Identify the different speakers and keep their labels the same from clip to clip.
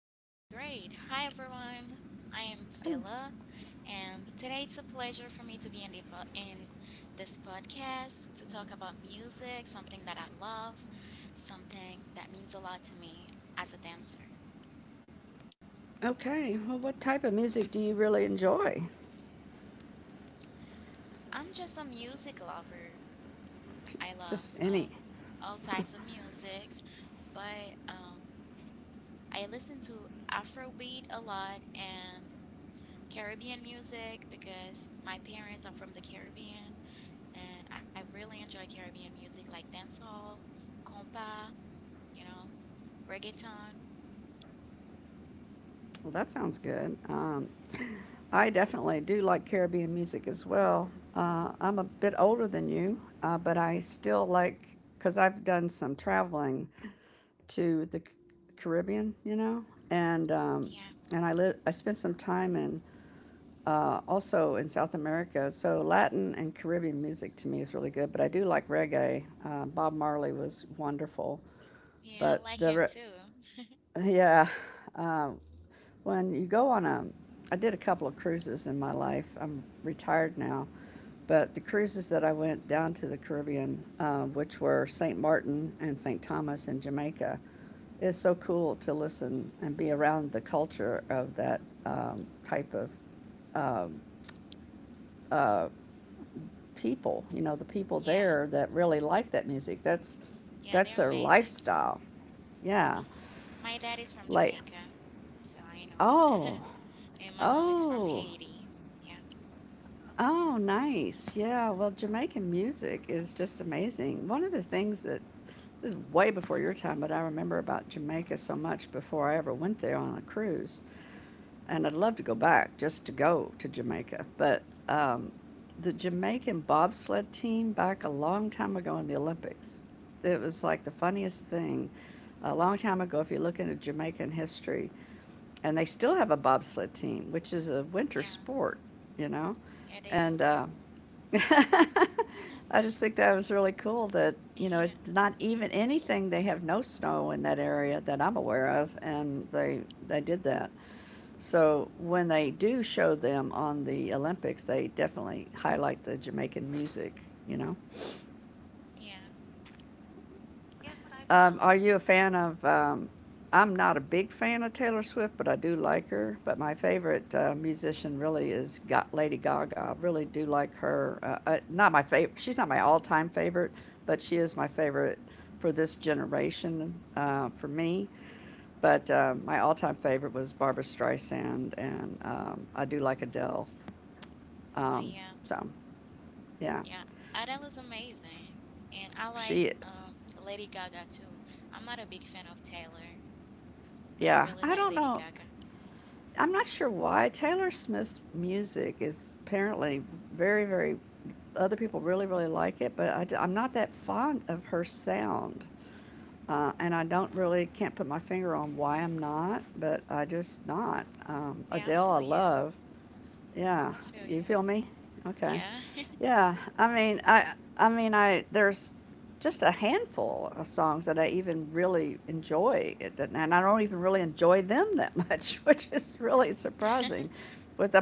Speaker 1: Yeah, that's great. Hi, everyone. I am Villa, and today it's a pleasure for me to be in this podcast to talk about music, something that I love, something that means a lot to me as a dancer.
Speaker 2: Okay, well, what type of music do you really enjoy?
Speaker 1: I'm just a music lover. I love
Speaker 2: Just any.
Speaker 1: all types of music, but I listen to Afrobeat a lot and Caribbean music because my parents are from the Caribbean. And I really enjoy Caribbean music like dancehall, compa, you know, reggaeton.
Speaker 2: Well, that sounds good. I definitely do like Caribbean music as well. I'm a bit older than you, but I still like, because I've done some traveling to the Caribbean, you know, and
Speaker 1: Yeah,
Speaker 2: I spent some time in also in South America. So Latin and Caribbean music to me is really good, but I do like reggae. Bob Marley was wonderful,
Speaker 1: yeah, I
Speaker 2: but
Speaker 1: like him too.
Speaker 2: yeah, uh, when you go on a, I did a couple of cruises in my life. I'm retired now, but the cruises that I went down to the Caribbean, which were St. Martin and St. Thomas in Jamaica, it's so cool to listen and be around the culture of that type of people, you know, the people
Speaker 1: Yeah,
Speaker 2: there that really like that music. That's
Speaker 1: yeah, they're
Speaker 2: that's their
Speaker 1: amazing.
Speaker 2: lifestyle. Yeah.
Speaker 1: hmm My dad is from
Speaker 2: Like,
Speaker 1: Jamaica, so I know.
Speaker 2: oh,
Speaker 1: And my mom is from
Speaker 2: oh,
Speaker 1: Haiti. Yeah,
Speaker 2: oh, nice. Yeah. Well, Jamaican music is just amazing. One of the things that this is way before your time, but I remember about Jamaica so much before I ever went there on a cruise and I'd love to go back just to go to Jamaica. But um, the Jamaican bobsled team back a long time ago in the Olympics, it was like the funniest thing. A long time ago, if you look into Jamaican history, and they still have a bobsled team, which is a winter
Speaker 1: yeah,
Speaker 2: sport, you know,
Speaker 1: yeah, they do.
Speaker 2: and I just think that was really cool that, you know,
Speaker 1: Yeah,
Speaker 2: it's not even anything. They have no snow in that area that I'm aware of, and they did that. So when they do show them on the Olympics, they definitely highlight the Jamaican music, you know?
Speaker 1: yeah,
Speaker 2: Are you a fan of? I'm not a big fan of Taylor Swift, but I do like her. But my favorite musician really is Lady Gaga. I really do like her. Not my favorite. She's not my all-time favorite, but she is my favorite for this generation. For me, but my all-time favorite was Barbra Streisand, and I do like Adele.
Speaker 1: oh,
Speaker 2: Um,
Speaker 1: yeah,
Speaker 2: so, yeah,
Speaker 1: yeah. Adele is amazing. And I like
Speaker 2: she,
Speaker 1: Lady Gaga too. I'm not a big fan of Taylor, but I
Speaker 2: yeah,
Speaker 1: really
Speaker 2: I
Speaker 1: like
Speaker 2: don't
Speaker 1: Lady
Speaker 2: know.
Speaker 1: Gaga.
Speaker 2: I'm not sure why Taylor Swift's music is apparently very, very. Other people really, really like it, but I am not that fond of her sound. And I don't really can't put my finger on why I'm not, but I just not.
Speaker 1: Yeah, I
Speaker 2: Adele,
Speaker 1: feel
Speaker 2: I
Speaker 1: you.
Speaker 2: love. Yeah,
Speaker 1: I feel you.
Speaker 2: you feel
Speaker 1: Mhm.
Speaker 2: me? Okay.
Speaker 1: Yeah.
Speaker 2: Yeah, I mean, I there's just a handful of songs that I even really enjoy, It and I don't even really enjoy them that much, which is really surprising, with the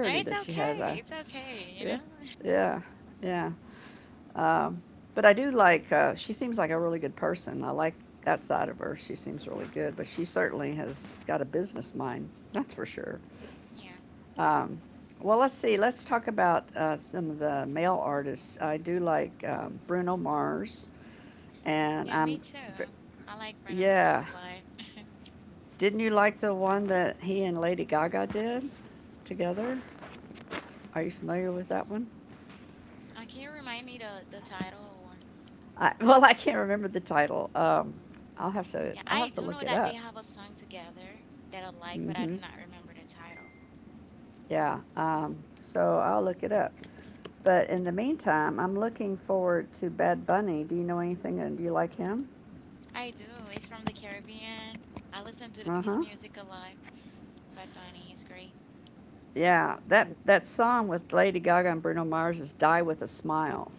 Speaker 1: No, it's
Speaker 2: that she has.
Speaker 1: okay.
Speaker 2: I
Speaker 1: It's okay, you
Speaker 2: yeah,
Speaker 1: know?
Speaker 2: yeah, yeah. Um, but I do like. She seems like a really good person. I like that side of her. She seems really good, but she certainly has got a business mind. That's for sure.
Speaker 1: Yeah.
Speaker 2: Um, well, let's see. Let's talk about some of the male artists. I do like Bruno Mars, and
Speaker 1: Yeah, me
Speaker 2: v-
Speaker 1: too. I like Bruno Mars a
Speaker 2: Yeah,
Speaker 1: lot.
Speaker 2: didn't you like the one that he and Lady Gaga did together? Are you familiar with that one?
Speaker 1: Can you remind me the title, or
Speaker 2: Well, I can't remember the title.
Speaker 1: yeah,
Speaker 2: I'll
Speaker 1: I
Speaker 2: have to
Speaker 1: do know
Speaker 2: look it
Speaker 1: that they
Speaker 2: up.
Speaker 1: have a song together that I like, but I do
Speaker 2: Hmm
Speaker 1: not remember the title.
Speaker 2: Yeah. So I'll look it up. But in the meantime, I'm looking forward to Bad Bunny. Do you know anything? And do you like him?
Speaker 1: I do. It's from the Caribbean. I listen to
Speaker 2: Uh
Speaker 1: his
Speaker 2: huh.
Speaker 1: music a lot. Bad Bunny is great.
Speaker 2: Yeah. That that song with Lady Gaga and Bruno Mars is "Die with a Smile."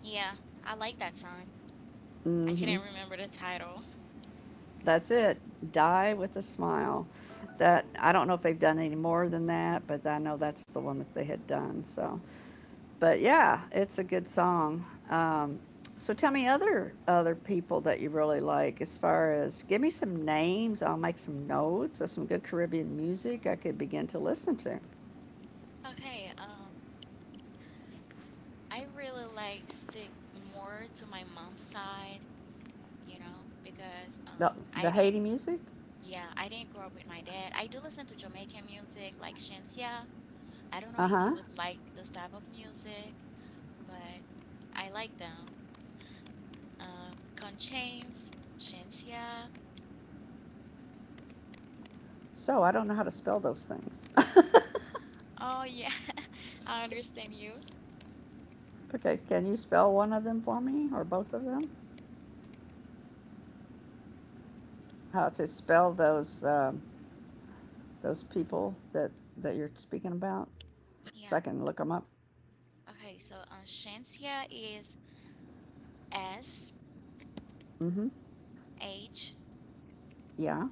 Speaker 1: Yeah, I like that song. I
Speaker 2: hmm
Speaker 1: couldn't remember the title.
Speaker 2: That's it. Die with a smile. That I don't know if they've done any more than that, but I know that's the one that they had done. So. But yeah, it's a good song. Um, so tell me other people that you really like as far as give me some names. I'll make some notes of some good Caribbean music I could begin to listen to.
Speaker 1: Okay, I really like stick more to my mom's side, because
Speaker 2: The
Speaker 1: I didn't
Speaker 2: Haiti music.
Speaker 1: yeah, I didn't grow up with my dad. I do listen to Jamaican music like Shansia. I don't know
Speaker 2: Uh
Speaker 1: if
Speaker 2: huh.
Speaker 1: you would like this type of music, but I like them. Conchains, Shansia.
Speaker 2: So I don't know how to spell those things.
Speaker 1: Oh yeah, I understand you.
Speaker 2: Okay, can you spell one of them for me or both of them? How to spell those people that you're speaking about,
Speaker 1: Yeah.
Speaker 2: so I can look them up.
Speaker 1: Okay, so Shensia is S
Speaker 2: Mm-hmm.
Speaker 1: H
Speaker 2: Yeah.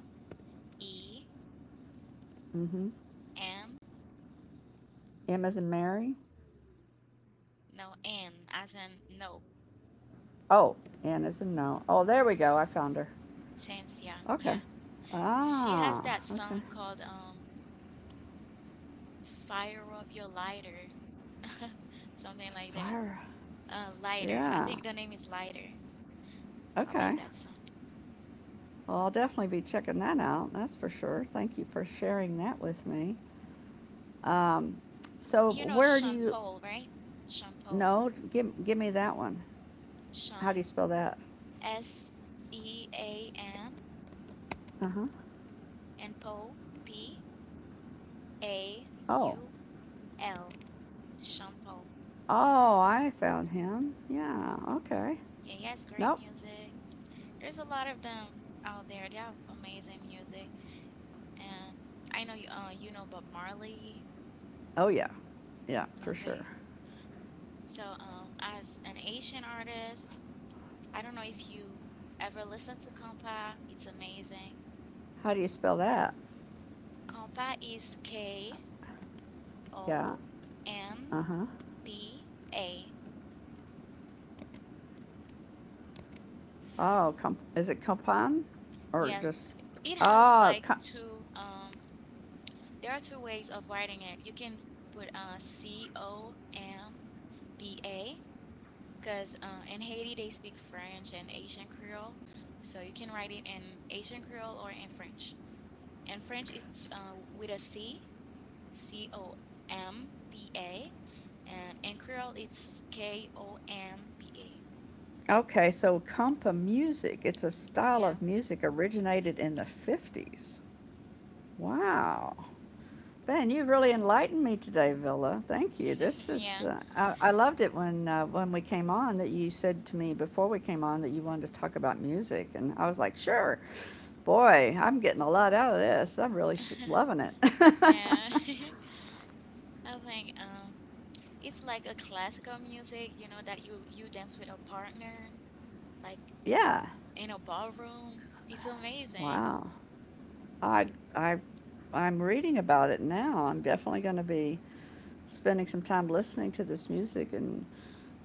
Speaker 1: E
Speaker 2: Mm-hmm.
Speaker 1: N,
Speaker 2: M as in Mary.
Speaker 1: no, N as in no.
Speaker 2: Oh, Anna's a no. Oh, there we go. I found her.
Speaker 1: Chance, yeah,
Speaker 2: Okay.
Speaker 1: yeah. She has
Speaker 2: Ah,
Speaker 1: that
Speaker 2: okay.
Speaker 1: song called Fire Up Your Lighter. Something like that.
Speaker 2: Fire.
Speaker 1: Lighter. I
Speaker 2: Yeah.
Speaker 1: think the name is Lighter. I like
Speaker 2: Okay.
Speaker 1: that song.
Speaker 2: Well, I'll definitely be checking that out. That's for sure. Thank you for sharing that with me. Um, so,
Speaker 1: You know
Speaker 2: where do
Speaker 1: Sean
Speaker 2: you
Speaker 1: Paul, right? Sean Paul.
Speaker 2: know? Give, give me that one. How do you
Speaker 1: Sean
Speaker 2: spell that?
Speaker 1: S E A N
Speaker 2: Uh huh.
Speaker 1: and Paul P A
Speaker 2: Oh.
Speaker 1: U L. Sean Paul.
Speaker 2: Oh, I found him. Yeah. Okay.
Speaker 1: Yeah, he has great
Speaker 2: Nope.
Speaker 1: music. There's a lot of them out there. They have amazing music. And I know you, you know Bob Marley.
Speaker 2: Oh, yeah. Yeah, for sure.
Speaker 1: Okay. So, as an Asian artist, I don't know if you ever listen to Kompa. It's amazing.
Speaker 2: How do you spell that?
Speaker 1: Kompa is K
Speaker 2: Yeah.
Speaker 1: O M
Speaker 2: Uh huh.
Speaker 1: P A.
Speaker 2: Oh, com- is it Compan or
Speaker 1: Yes,
Speaker 2: just
Speaker 1: it has
Speaker 2: oh?
Speaker 1: like
Speaker 2: Com-
Speaker 1: two, there are two ways of writing it. You can put Compa because in Haiti they speak French and Asian Creole. So you can write it in Asian Creole or in French. In French, it's with a C C O M B A, and in Creole it's Konba.
Speaker 2: okay, so compa music. It's a style
Speaker 1: Yeah,
Speaker 2: of music originated in the 50s. Wow, Ben, you've really enlightened me today, Villa. Thank you. This is
Speaker 1: yeah,
Speaker 2: I loved it when we came on that you said to me before we came on that you wanted to talk about music, and I was like, sure. Boy, I'm getting a lot out of this. I'm really loving it.
Speaker 1: yeah. I think it's like a classical music, that you dance with a partner, like
Speaker 2: Yeah.
Speaker 1: in a ballroom. It's amazing.
Speaker 2: Wow. I, I, I'm reading about it now. I'm definitely going to be spending some time listening to this music and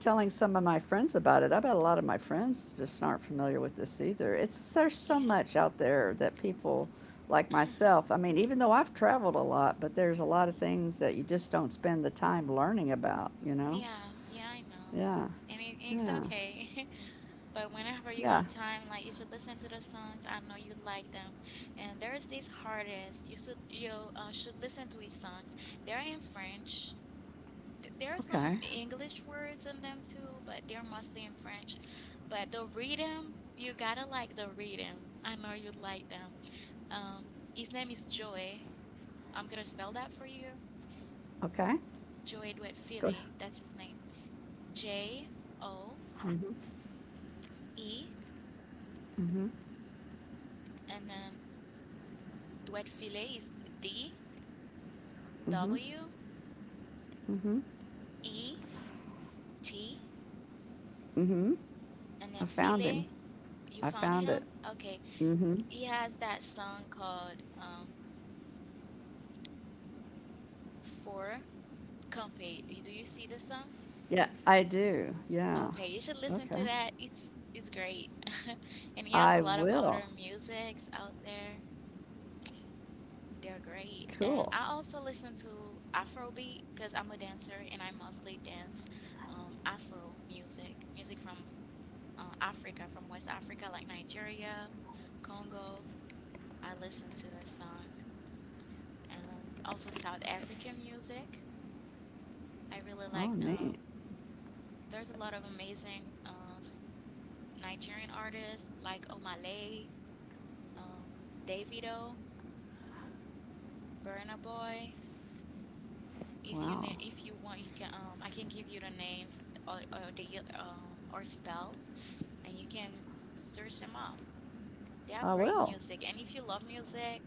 Speaker 2: telling some of my friends about it. I bet a lot of my friends just aren't familiar with this either. It's there's so
Speaker 1: Yeah,
Speaker 2: much out there that people like myself. I mean, even though I've traveled a lot, but there's a lot of things that you just don't spend the time learning about. You know?
Speaker 1: yeah, yeah. I know,
Speaker 2: Yeah.
Speaker 1: and it's
Speaker 2: Yeah.
Speaker 1: okay. But whenever you
Speaker 2: Yeah.
Speaker 1: have time, like you should listen to the songs. I know you like them. And there is this artist. You should listen to his songs. They're in French. There are some
Speaker 2: Okay.
Speaker 1: English words in them too, but they're mostly in French. But the rhythm, you gotta like the rhythm. I know you like them. His name is Joey. I'm gonna spell that for you.
Speaker 2: Okay.
Speaker 1: Joey
Speaker 2: Go. Ahead.
Speaker 1: Duetfile. That's his name. J O
Speaker 2: Mm.
Speaker 1: E
Speaker 2: Mhm. Mm.
Speaker 1: and then Duetfile is D
Speaker 2: Mhm. Mm.
Speaker 1: W
Speaker 2: Mhm. Mhm.
Speaker 1: E T
Speaker 2: Mhm.
Speaker 1: and
Speaker 2: I
Speaker 1: then
Speaker 2: found him.
Speaker 1: File. You
Speaker 2: I
Speaker 1: found
Speaker 2: found it.
Speaker 1: him? Okay.
Speaker 2: Mhm.
Speaker 1: He has that song called For Compay. Do you see the song?
Speaker 2: Yeah, I do. Yeah.
Speaker 1: Okay, you should listen
Speaker 2: Okay.
Speaker 1: to that. It's great. And he has a
Speaker 2: I
Speaker 1: lot of other
Speaker 2: will.
Speaker 1: musics out there. They're great. And
Speaker 2: Cool.
Speaker 1: I also listen to Afrobeat because I'm a dancer and I mostly dance Afro music from Africa, from West Africa, like Nigeria, Congo. I listen to their songs. And also South African music. I really like,
Speaker 2: Oh, neat.
Speaker 1: there's a lot of amazing Nigerian artists like Omale, uh, Davido, Burna Boy. If you
Speaker 2: Wow.
Speaker 1: na- if you want, you can I can give you the names, or the, or spelled, and you can search them up. They have
Speaker 2: I
Speaker 1: great
Speaker 2: will.
Speaker 1: music, and if you love music,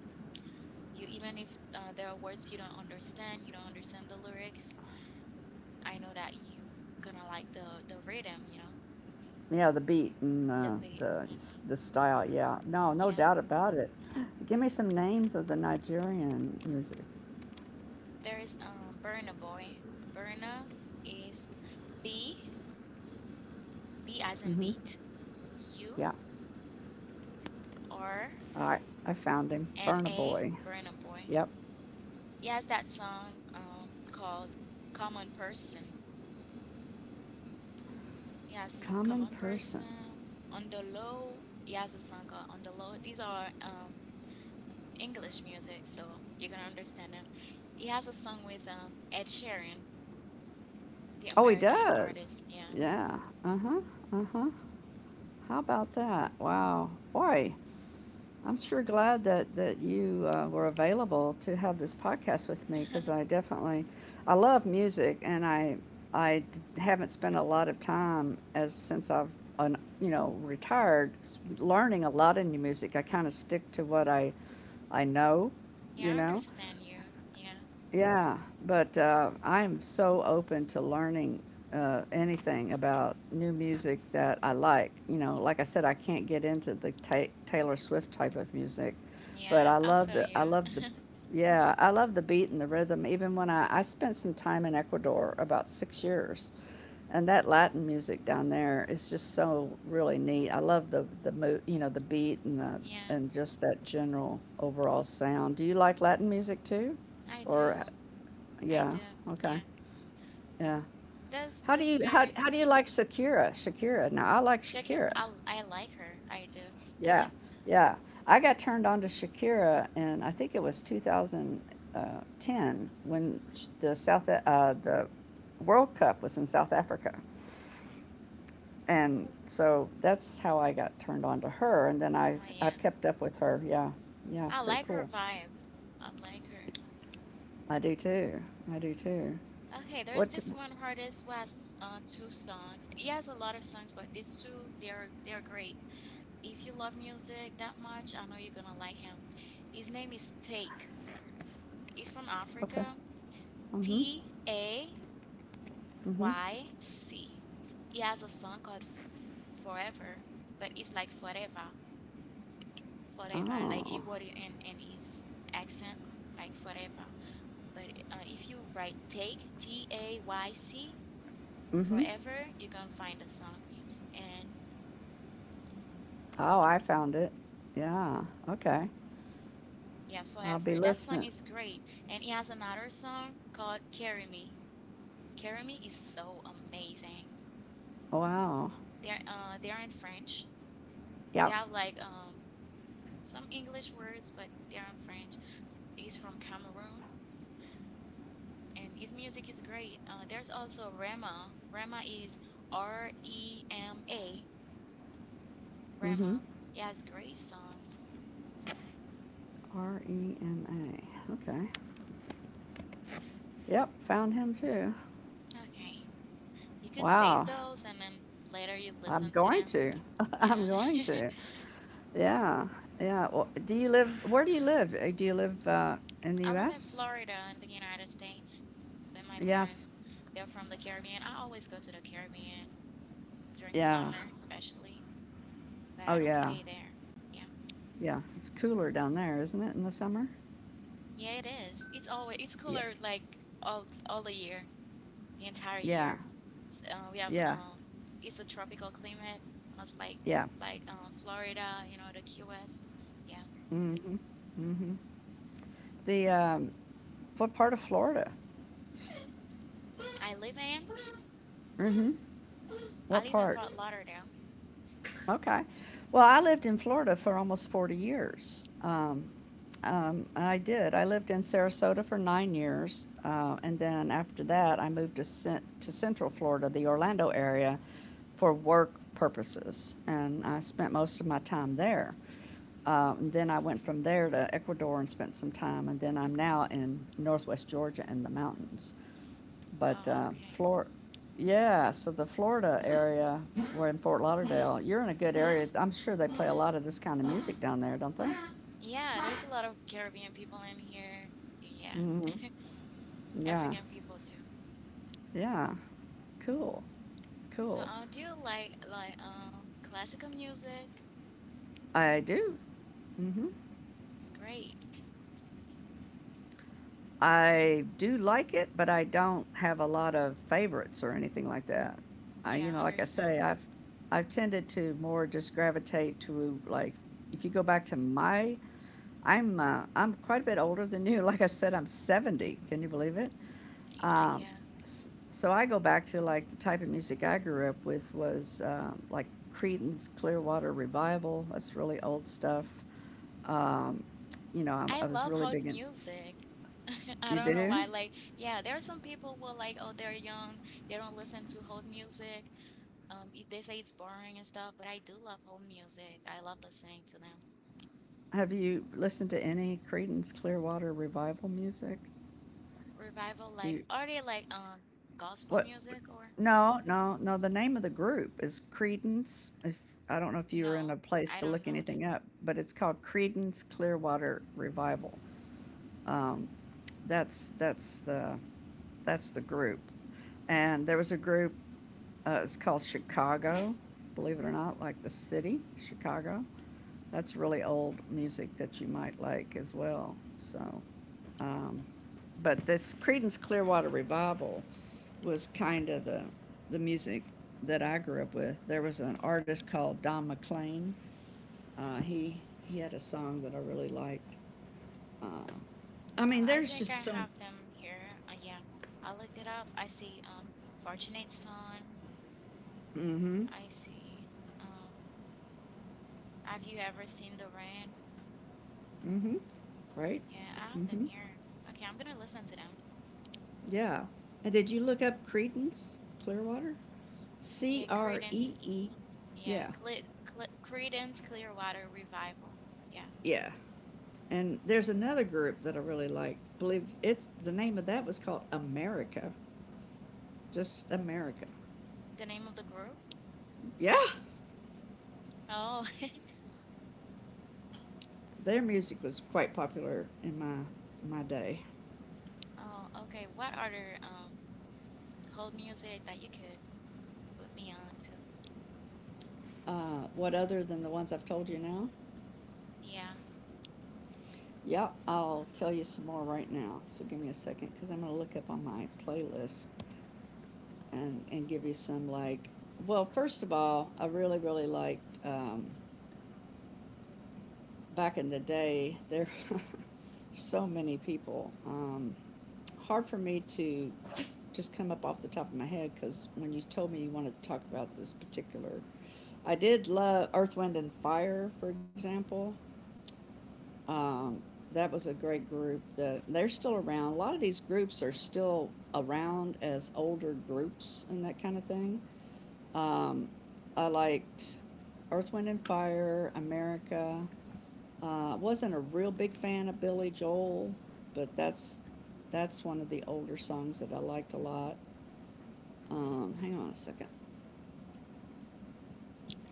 Speaker 1: you even if there are words you don't understand, the lyrics, I know that you gonna like the rhythm,
Speaker 2: Yeah, the beat and
Speaker 1: the beat. Hmm.
Speaker 2: the style. Yeah. No, no
Speaker 1: Yeah,
Speaker 2: doubt about it. Give me some names of the Nigerian music.
Speaker 1: there is Burna Boy. Burna is B, B as in
Speaker 2: Mhm.
Speaker 1: beat. U
Speaker 2: Yeah.
Speaker 1: R
Speaker 2: All right. I found him.
Speaker 1: N
Speaker 2: Burna
Speaker 1: A,
Speaker 2: Boy.
Speaker 1: Burna Boy.
Speaker 2: Yep.
Speaker 1: He has that song called Common Person. He has
Speaker 2: Common
Speaker 1: Common
Speaker 2: person.
Speaker 1: Person, On the Low. He has a song called On the Low. These are English music, so you're gonna understand them. He has a song with Ed Sheeran. The
Speaker 2: Oh, he
Speaker 1: American
Speaker 2: does.
Speaker 1: artist, yeah.
Speaker 2: Yeah. Uh huh. Uh huh. How about that? Wow. Boy, I'm sure glad that, you were available to have this podcast with me because I definitely, I love music and I haven't spent a lot of time as since I've, un, you know, retired learning a lot of new music. I kind of stick to what I know,
Speaker 1: Yeah,
Speaker 2: you
Speaker 1: I
Speaker 2: know.
Speaker 1: understand you. Yeah.
Speaker 2: Yeah, but I'm so open to learning anything about new music that I like. You know, like I said, I can't get into the Taylor Swift type of music, but
Speaker 1: Yeah,
Speaker 2: I
Speaker 1: I
Speaker 2: love
Speaker 1: feel
Speaker 2: the I
Speaker 1: you.
Speaker 2: love the yeah I love the beat and the rhythm. Even when I spent some time in Ecuador about 6 years, and that Latin music down there is just so really neat. I love the you know the beat and the
Speaker 1: Yeah,
Speaker 2: and just that general overall sound. Do you like Latin music too?
Speaker 1: I do.
Speaker 2: Or,
Speaker 1: I
Speaker 2: yeah,
Speaker 1: do.
Speaker 2: okay,
Speaker 1: Yeah.
Speaker 2: yeah.
Speaker 1: That's
Speaker 2: How do
Speaker 1: that's
Speaker 2: you how
Speaker 1: very
Speaker 2: how do you like Shakira? Shakira. Now I like
Speaker 1: Shakira.
Speaker 2: Shakira.
Speaker 1: I like her. I do.
Speaker 2: Yeah, yeah. I got turned on to Shakira, and I think it was 2010 when the World Cup was in South Africa,
Speaker 1: Mm.
Speaker 2: and so that's how I got turned on to her. And then I've
Speaker 1: Oh
Speaker 2: I've
Speaker 1: yeah.
Speaker 2: kept up with her. Yeah, yeah.
Speaker 1: I
Speaker 2: Pretty
Speaker 1: like her
Speaker 2: cool.
Speaker 1: vibe. I like her.
Speaker 2: I do too. I do too.
Speaker 1: Okay, there's
Speaker 2: What? D
Speaker 1: this one artist who has two songs. He has a lot of songs, but these two, they're great. If you love music that much, I know you're gonna like him. His name is Take. He's from
Speaker 2: Okay.
Speaker 1: Africa.
Speaker 2: Mm-hmm.
Speaker 1: T A
Speaker 2: Mm-hmm.
Speaker 1: Y C. He has a song called Forever, but it's like forever, forever. Like he
Speaker 2: Oh,
Speaker 1: wrote it in his accent, like forever. But if you write take, Tayc,
Speaker 2: mm-hmm.
Speaker 1: forever, you're gonna find the song. And
Speaker 2: Oh, I found it. Yeah. Okay.
Speaker 1: yeah,
Speaker 2: I'll be
Speaker 1: forever. That song
Speaker 2: listening.
Speaker 1: is great. And he has another song called Carry Me. Carry Me is so amazing.
Speaker 2: Wow.
Speaker 1: They're in French.
Speaker 2: Yeah.
Speaker 1: They have like some English words, but they're in French. He's from Cameroon and his music is great. There's also Rema. Rema is Rema.
Speaker 2: Mm-hmm.
Speaker 1: Rema. He has great songs.
Speaker 2: Rema. Okay. Yep. Found him too.
Speaker 1: Okay. You could save
Speaker 2: Wow.
Speaker 1: those and then later you
Speaker 2: I'm
Speaker 1: listen to
Speaker 2: going
Speaker 1: them.
Speaker 2: to. I'm going
Speaker 1: Yeah.
Speaker 2: to. Yeah. Yeah. Well, do you live? Where do you live? Do you live in the
Speaker 1: I live in
Speaker 2: U.S.?
Speaker 1: Florida in the United States with my
Speaker 2: Yes.
Speaker 1: parents. They're from the Caribbean. I always go to the Caribbean during
Speaker 2: Yeah.
Speaker 1: summer, especially, but
Speaker 2: Oh
Speaker 1: I don't
Speaker 2: yeah.
Speaker 1: stay there. Yeah.
Speaker 2: Yeah. It's cooler down there, isn't it, in the summer?
Speaker 1: Yeah, it is. It's always it's
Speaker 2: Yeah.
Speaker 1: cooler, like all the year, the entire
Speaker 2: Yeah.
Speaker 1: year. S- we have
Speaker 2: Yeah.
Speaker 1: It's a tropical climate, most like
Speaker 2: Yeah.
Speaker 1: like Florida, the Key West. Yeah,
Speaker 2: Mm-hmm. Mm-hmm. Mm-hmm. The, um, what part of Florida?
Speaker 1: I live in
Speaker 2: Mm-hmm.
Speaker 1: I
Speaker 2: What
Speaker 1: live in
Speaker 2: part?
Speaker 1: Fort Lauderdale.
Speaker 2: Okay. Well, I lived in Florida for almost 40 years. I did. I lived in Sarasota for 9 years. And then after that, I moved to, to Central Florida, the Orlando area, for work purposes. And I spent most of my time there. And then I went from there to Ecuador and spent some time. And then I'm now in northwest Georgia in the mountains. But
Speaker 1: Oh, okay.
Speaker 2: Yeah, so the Florida area, we're in Fort Lauderdale. You're in a good area. I'm sure they play a lot of this kind of music down there, don't they?
Speaker 1: Yeah, there's a lot of Caribbean people in here. Yeah,
Speaker 2: Mm hmm Yeah,
Speaker 1: African people too.
Speaker 2: yeah. Cool,
Speaker 1: So,
Speaker 2: cool.
Speaker 1: do you like classical music?
Speaker 2: I do. Mm-hmm.
Speaker 1: Mm. Great.
Speaker 2: I do like it, but I don't have a lot of favorites or anything like that. I,
Speaker 1: Yeah,
Speaker 2: you
Speaker 1: I
Speaker 2: know, like I
Speaker 1: understand.
Speaker 2: say, I've tended to more just gravitate to like if you go back to my I'm quite a bit older than you. Like I said, I'm 70. Can you believe it? Um,
Speaker 1: Yeah.
Speaker 2: so I go back to like the type of music I grew up with was like Creedence Clearwater Revival. That's really old stuff. Um,
Speaker 1: I
Speaker 2: I was
Speaker 1: love
Speaker 2: really
Speaker 1: hot
Speaker 2: big in.
Speaker 1: music. I
Speaker 2: You
Speaker 1: don't know
Speaker 2: do?
Speaker 1: why. Like, yeah, there are some people who are like, oh, they're young, they don't listen to hold music. They say it's boring and stuff, but I do love hold music. I love listening to them.
Speaker 2: Have you listened to any Creedence Clearwater Revival music?
Speaker 1: Revival,
Speaker 2: Do
Speaker 1: like,
Speaker 2: you
Speaker 1: are they like gospel
Speaker 2: what?
Speaker 1: music, or
Speaker 2: No, no, no. The name of the group is Creedence. If I don't know if you were
Speaker 1: no?
Speaker 2: in a
Speaker 1: I
Speaker 2: place to
Speaker 1: don't
Speaker 2: look
Speaker 1: know that.
Speaker 2: anything up, but it's called Creedence Clearwater Revival. um, that's, that's the, that's the group. And there was a group, it's called Chicago, believe it or not, like the city, Chicago. That's really old music that you might like as well. Um, But this Creedence Clearwater Revival was kind of the music that I grew up with. There was an artist called Don McLean. Uh, he, he had a song that I really liked. I mean,
Speaker 1: I
Speaker 2: there's
Speaker 1: think I
Speaker 2: just so.
Speaker 1: have them here. Yeah, I looked it up. I see Fortunate Son.
Speaker 2: Mm-hmm.
Speaker 1: I see. Um, have you ever seen the rain?
Speaker 2: Mm-hmm. Right.
Speaker 1: Yeah, I have them
Speaker 2: Mm-hmm.
Speaker 1: here. Okay, I'm gonna listen to them.
Speaker 2: Yeah. And did you look up Credence Clearwater? C
Speaker 1: Yeah,
Speaker 2: R E
Speaker 1: Credence.
Speaker 2: E.
Speaker 1: Yeah,
Speaker 2: Yeah.
Speaker 1: Cle Cle Credence Clearwater Revival. Yeah,
Speaker 2: Yeah. And there's another group that I really like. Believe it's the name of that was called America, just America.
Speaker 1: the name of the group.
Speaker 2: Yeah.
Speaker 1: Oh,
Speaker 2: Their music was quite popular in my day.
Speaker 1: oh, okay. What other hold music that you could put me on to?
Speaker 2: What other than the ones I've told you now?
Speaker 1: Yeah,
Speaker 2: Yep, I'll tell you some more right now. So give me a second because I'm going to look up on my playlist and give you some like. Well, first of all, I really, really liked, back in the day, there were so many people. Hard for me to just come up off the top of my head because when you told me you wanted to talk about this particular, I did love Earth, Wind, and Fire, for example. um, that was a great group. That they're still around. A lot of these groups are still around as older groups and that kind of thing. Um, I liked Earth, Wind and Fire, America. I wasn't a real big fan of Billy Joel, but that's one of the older songs that I liked a lot. Hang on a second.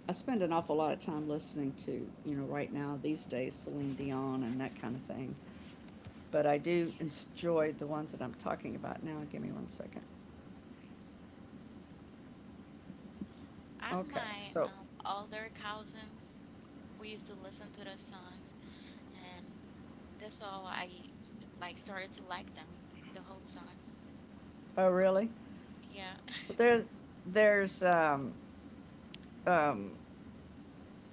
Speaker 2: I spend an awful lot of time listening to, you know, right now these days Celine Dion and that kind of thing. But I do
Speaker 1: yeah.
Speaker 2: enjoy the ones that I'm talking about now. Give me one second.
Speaker 1: I have
Speaker 2: Okay,
Speaker 1: my
Speaker 2: so,
Speaker 1: older cousins. We used to listen to those songs, and that's all I, like, started to like them, the whole songs.
Speaker 2: oh, really?
Speaker 1: Yeah.
Speaker 2: Well, there's, um, um,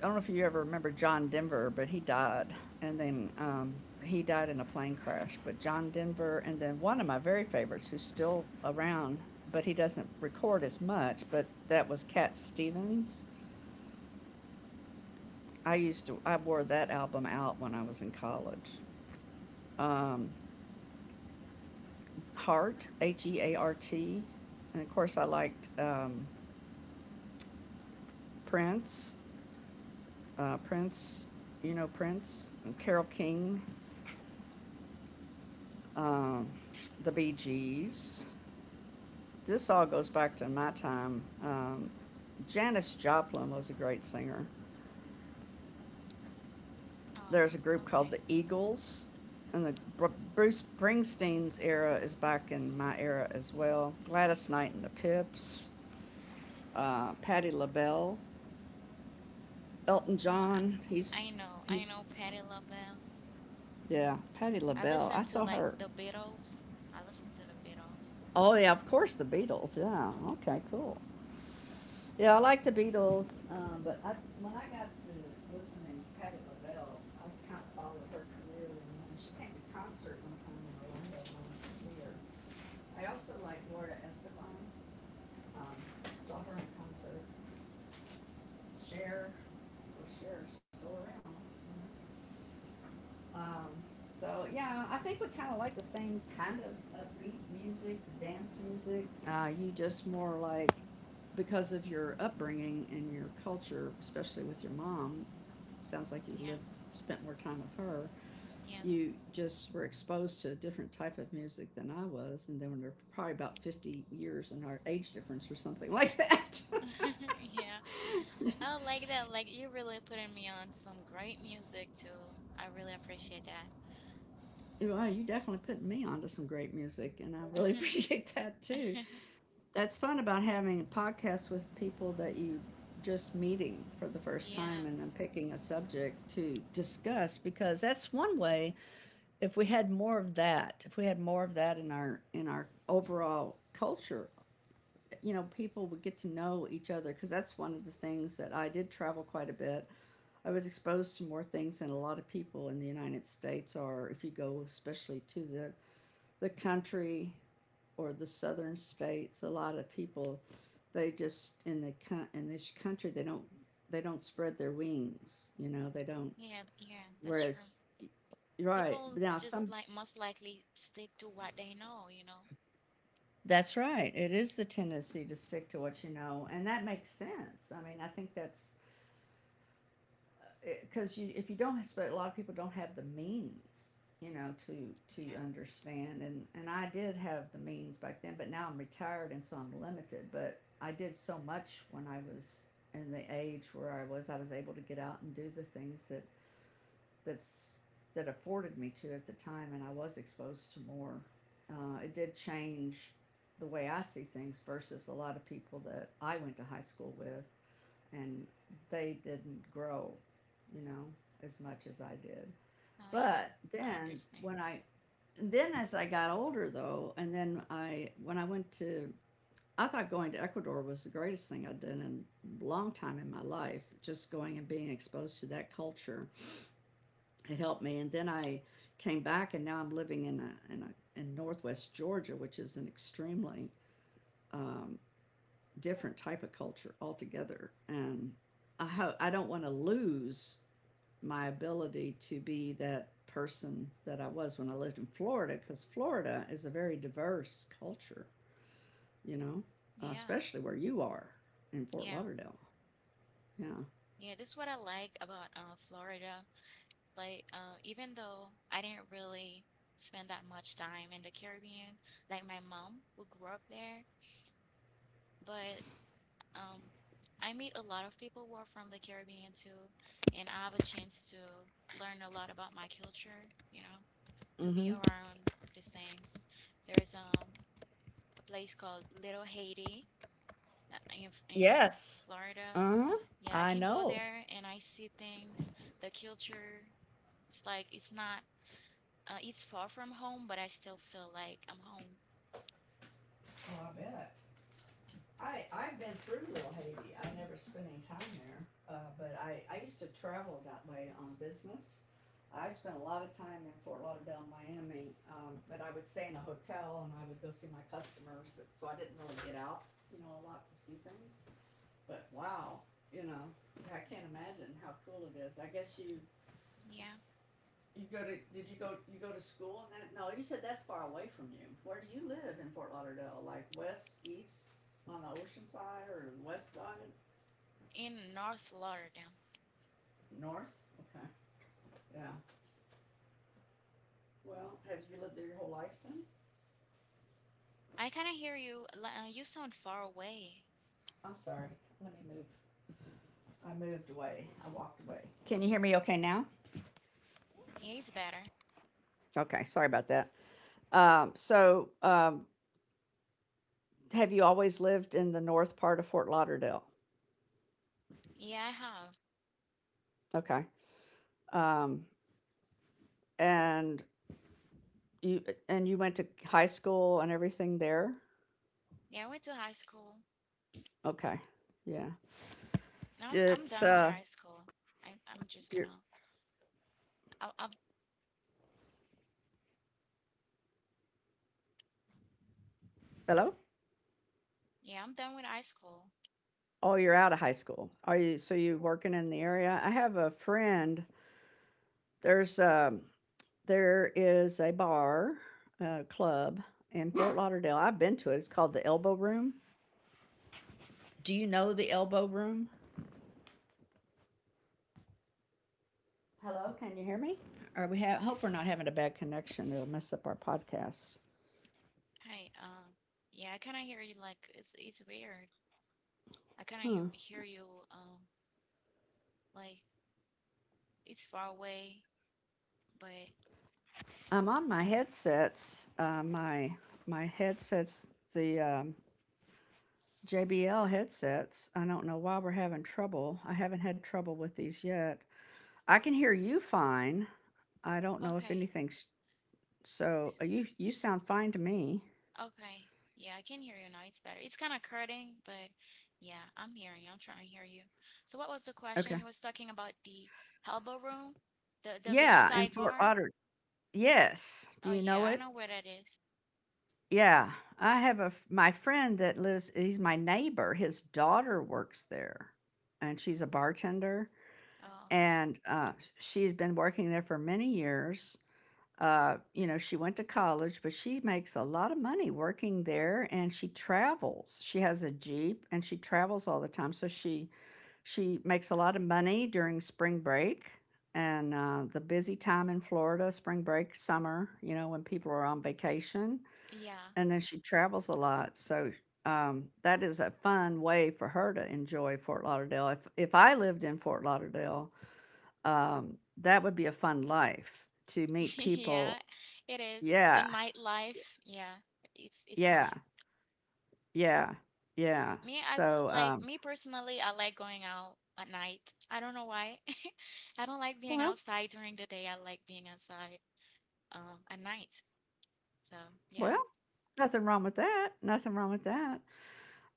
Speaker 2: I don't know if you ever remember John Denver, but he died. And then he died in a plane crash. But John Denver, and then one of my very favorites who's still around, but he doesn't record as much, but that was Cat Stevens. I wore that album out when I was in college. Um, Heart, H E A R T. And of course, I liked, Prince, uh, Prince, Prince, and Carol King, um, the Bee Gees. This all goes back to my time. Janis Joplin was a great singer. There's
Speaker 1: Oh,
Speaker 2: a group called
Speaker 1: okay.
Speaker 2: the Eagles, and the Bruce Springsteen's era is back in my era as well. Gladys Knight and the Pips, Patti LaBelle. Elton
Speaker 1: Oh, I
Speaker 2: John. He's
Speaker 1: I know, I
Speaker 2: he's
Speaker 1: know Patti LaBelle.
Speaker 2: yeah, Patti
Speaker 1: I
Speaker 2: LaBelle. I
Speaker 1: listen to
Speaker 2: saw
Speaker 1: like
Speaker 2: her.
Speaker 1: the Beatles. I listen to the Beatles.
Speaker 2: Oh yeah, of course the Beatles. Yeah. Okay, cool. Yeah, I like the Beatles, when I got to listening to Patti LaBelle, I kind of followed her career, and when she came to concert one time in Orlando, and I went to see her. I also like Laura Estefan. Um, saw her in concert. Cher, well, Cher's still around. You know? Um, so yeah, I think we kind of like the same kind of upbeat music, the dance music. You just more like because of your upbringing and your culture, especially with your mom. Sounds like you lived,
Speaker 1: Yeah,
Speaker 2: spent more time with her.
Speaker 1: yes.
Speaker 2: You just were exposed to a different type of music than I was, and then we're probably about 50 years in our age difference or something like that.
Speaker 1: Yeah. I like that. Like, you're really putting me on some great music too. I really appreciate that.
Speaker 2: Well, you definitely put me onto some great music, and I really appreciate that too. That's fun about having a podcast with people that you just meeting for the first time
Speaker 1: Yeah,
Speaker 2: and then picking a subject to discuss, because that's one way, if we had more of that if we had more of that in our overall culture. You know, people would get to know each other, because that's one of the things that I did: travel quite a bit. I was exposed to more things than a lot of people in the United States are. If you go especially to the country or the southern states, a lot of people, they just in the in this country they don't spread their wings. You know, they don't.
Speaker 1: yeah, yeah, that's true.
Speaker 2: Whereas, right
Speaker 1: People
Speaker 2: now
Speaker 1: just,
Speaker 2: some,
Speaker 1: like, most likely stick to what they know, you know?
Speaker 2: that's right. It is the tendency to stick to what you know, and that makes sense. I mean, I think that's because you if you don't have, but a lot of people don't have the means, you know, to
Speaker 1: Yeah.
Speaker 2: understand. And I did have the means back then, but now I'm retired and so I'm limited. But I did so much when I was in the age where I was able to get out and do the things that that's that afforded me to at the time, and I was exposed to more. It did change the way I see things versus a lot of people that I went to high school with, and they didn't grow, you know, as much as I did.
Speaker 1: Oh yeah,
Speaker 2: But
Speaker 1: I
Speaker 2: then
Speaker 1: understand.
Speaker 2: when I Then as I got older though, and then I when I went to, I thought going to Ecuador was the greatest thing I did in a long time in my life, just going and being exposed to that culture. It helped me, and then I came back and now I'm living in a in northwest Georgia, which is an extremely, um, different type of culture altogether. And I don't want to lose my ability to be that person that I was when I lived in Florida, because Florida is a very diverse culture, you know,
Speaker 1: Yeah,
Speaker 2: especially where you are in Fort
Speaker 1: yeah.
Speaker 2: Lauderdale. Yeah.
Speaker 1: Yeah, this is what I like about Florida. Like, even though I didn't really spend that much time in the Caribbean, like my mom who grew up there, but um, I meet a lot of people who are from the Caribbean too, and I have a chance to learn a lot about my culture, to be
Speaker 2: Mm-hmm.
Speaker 1: around these things. There is a place called Little Haiti, in
Speaker 2: Yes.
Speaker 1: Florida.
Speaker 2: Uh huh.
Speaker 1: Yeah, I
Speaker 2: I
Speaker 1: can go
Speaker 2: know.
Speaker 1: there and I see things, the culture. It's like, it's not. It's far from home, but I still feel like I'm home.
Speaker 2: Oh, I bet. I I've been through Little Haiti. I've never spent any time there, but I used to travel that way on business. I spent a lot of time in Fort Lauderdale, Miami, but I would stay in a hotel and I would go see my customers. But so I didn't really get out, you know, a lot to see things. But wow, you know, I can't imagine how cool it is. I guess you,
Speaker 1: Yeah,
Speaker 2: you go to? Did you go? You go to school and that? No, you said that's far away from you. Where do you live in Fort Lauderdale? Like west, east, on the ocean side, or west side,
Speaker 1: in North Lauderdale.
Speaker 2: north? Okay. Yeah. Well, have you lived there your whole life then?
Speaker 1: I kind of hear you. You sound far away.
Speaker 2: I'm sorry. Let me move. I moved away. I walked away. Can you hear me? Okay now.
Speaker 1: Yeah, it's better.
Speaker 2: Okay. Sorry about that. Um, so, um, have you always lived in the north part of Fort Lauderdale?
Speaker 1: Yeah, I have.
Speaker 2: Okay. Um, and you and you went to high school and everything there.
Speaker 1: Yeah, I went to high school.
Speaker 2: Okay. Yeah.
Speaker 1: Now I'm
Speaker 2: It's
Speaker 1: done with high school. I'm just
Speaker 2: you're
Speaker 1: gonna. I am just going to I
Speaker 2: hello?
Speaker 1: yeah, I'm done with high school.
Speaker 2: Oh, you're out of high school. Are you, so you working in the area? I have a friend. There's um there is a bar, club in Fort Lauderdale. I've been to it. It's called the Elbow Room. Do you know the Elbow Room? Hello, can you hear me? Or we have hope we're not having a bad connection. It'll mess up our podcast.
Speaker 1: Hi. Yeah, I kind of hear you. Like, it's weird. I kind
Speaker 2: Hmm.
Speaker 1: of hear you. Um, like, it's far away, but
Speaker 2: I'm on my headsets. My headsets. The JBL headsets. I don't know why we're having trouble. I haven't had trouble with these yet. I can hear you fine. I don't know if
Speaker 1: okay.
Speaker 2: anything's So
Speaker 1: S-
Speaker 2: you, you
Speaker 1: s-
Speaker 2: sound fine to me.
Speaker 1: Okay. Yeah, I can hear you now. It's better. It's kind of cutting, but yeah, I'm hearing you. I'm trying to hear you. So what was the question?
Speaker 2: Okay.
Speaker 1: You was talking about the elbow room, the
Speaker 2: Yeah, in
Speaker 1: beachside
Speaker 2: Fort
Speaker 1: bar.
Speaker 2: Otter. Yes. Do
Speaker 1: Oh
Speaker 2: you know
Speaker 1: yeah, I
Speaker 2: it?
Speaker 1: know where that is.
Speaker 2: Yeah. I have my friend that lives, he's my neighbor. His daughter works there and she's a bartender,
Speaker 1: Oh, okay.
Speaker 2: and she's been working there for many years. You know, she went to college, but she makes a lot of money working there and she travels. She has a Jeep and she travels all the time. She makes a lot of money during spring break and, the busy time in Florida, spring break, summer, you know, when people are on vacation.
Speaker 1: Yeah.
Speaker 2: And then she travels a lot. So, that is a fun way for her to enjoy Fort Lauderdale. If I lived in Fort Lauderdale, that would be a fun life to meet
Speaker 1: Yeah,
Speaker 2: people.
Speaker 1: it is. The
Speaker 2: Yeah,
Speaker 1: nightlife. Yeah, it's
Speaker 2: yeah,
Speaker 1: fun.
Speaker 2: yeah, yeah.
Speaker 1: Me, I
Speaker 2: So,
Speaker 1: like
Speaker 2: um,
Speaker 1: me personally, I like going out at night. I don't know why. I don't like being
Speaker 2: well,
Speaker 1: outside during the day. I like being outside at night. So, yeah.
Speaker 2: well, nothing wrong with that. Nothing wrong with that.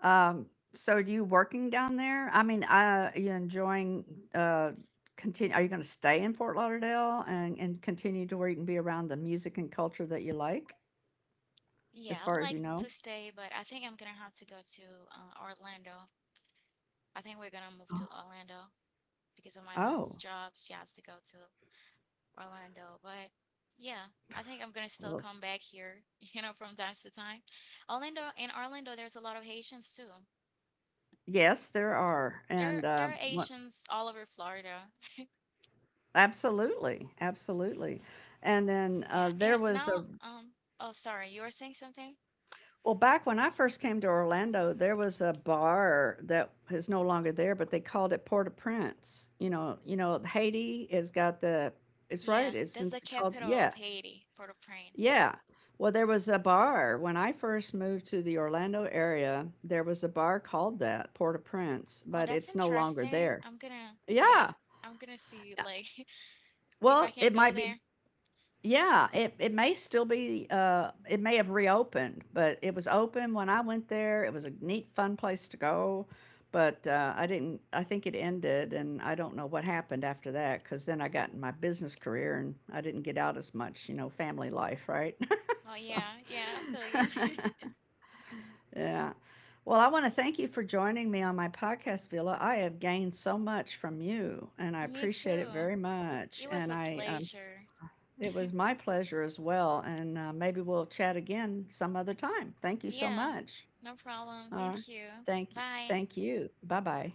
Speaker 2: Um, are you working down there? I mean, are you enjoying? Uh, continue. Are you going to stay in Fort Lauderdale and continue to where you can be around the music and culture that you like,
Speaker 1: Yeah,
Speaker 2: as
Speaker 1: I'd
Speaker 2: far as
Speaker 1: like
Speaker 2: you know?
Speaker 1: to stay, but I think I'm gonna have to go to Orlando. I think we're gonna move to
Speaker 2: Oh,
Speaker 1: Orlando because of my mom's
Speaker 2: oh,
Speaker 1: job. She has to go to Orlando. But yeah, I think I'm gonna still
Speaker 2: well,
Speaker 1: come back here, from time to time. In Orlando, there's a lot of Haitians too.
Speaker 2: yes, there are, and
Speaker 1: There, there are
Speaker 2: what?
Speaker 1: Haitians all over Florida.
Speaker 2: Absolutely, absolutely. And then
Speaker 1: Yeah,
Speaker 2: there
Speaker 1: and
Speaker 2: was
Speaker 1: now, oh, sorry, you were saying something?
Speaker 2: Well, back when I first came to Orlando, there was a bar that is no longer there, but they called it Port-au-Prince. You know, Haiti has got the. It's right.
Speaker 1: Yeah, that's the
Speaker 2: It's called,
Speaker 1: capital
Speaker 2: yeah,
Speaker 1: of Haiti, Port-au-Prince.
Speaker 2: yeah. Well, there was a bar when I first moved to the Orlando area. There was a bar called that Port-au-Prince,
Speaker 1: Oh,
Speaker 2: but
Speaker 1: that's
Speaker 2: it's no longer
Speaker 1: interesting.
Speaker 2: there.
Speaker 1: I'm gonna, yeah,
Speaker 2: Yeah.
Speaker 1: I'm gonna see,
Speaker 2: Yeah.
Speaker 1: like, if I
Speaker 2: Well,
Speaker 1: can
Speaker 2: it
Speaker 1: go
Speaker 2: might be.
Speaker 1: there.
Speaker 2: Yeah, it may still be, it may have reopened, but it was open when I went there. It was a neat, fun place to go, but I didn't, I think it ended, and I don't know what happened after that because then I got in my business career and I didn't get out as much, you know, family life, right?
Speaker 1: Oh,
Speaker 2: so,
Speaker 1: yeah, yeah, I feel you.
Speaker 2: yeah. Well, I want to thank you for joining me on my podcast, Villa. I have gained so much from you, and I
Speaker 1: Me
Speaker 2: appreciate it
Speaker 1: too.
Speaker 2: very much.
Speaker 1: It was
Speaker 2: And
Speaker 1: a
Speaker 2: I am
Speaker 1: pleasure.
Speaker 2: It was my pleasure as well. And maybe we'll chat again some other time. Thank you so
Speaker 1: Yeah,
Speaker 2: much.
Speaker 1: no problem.
Speaker 2: All right.
Speaker 1: Thank you.
Speaker 2: Thank you.
Speaker 1: Bye.
Speaker 2: Thank you. Bye bye.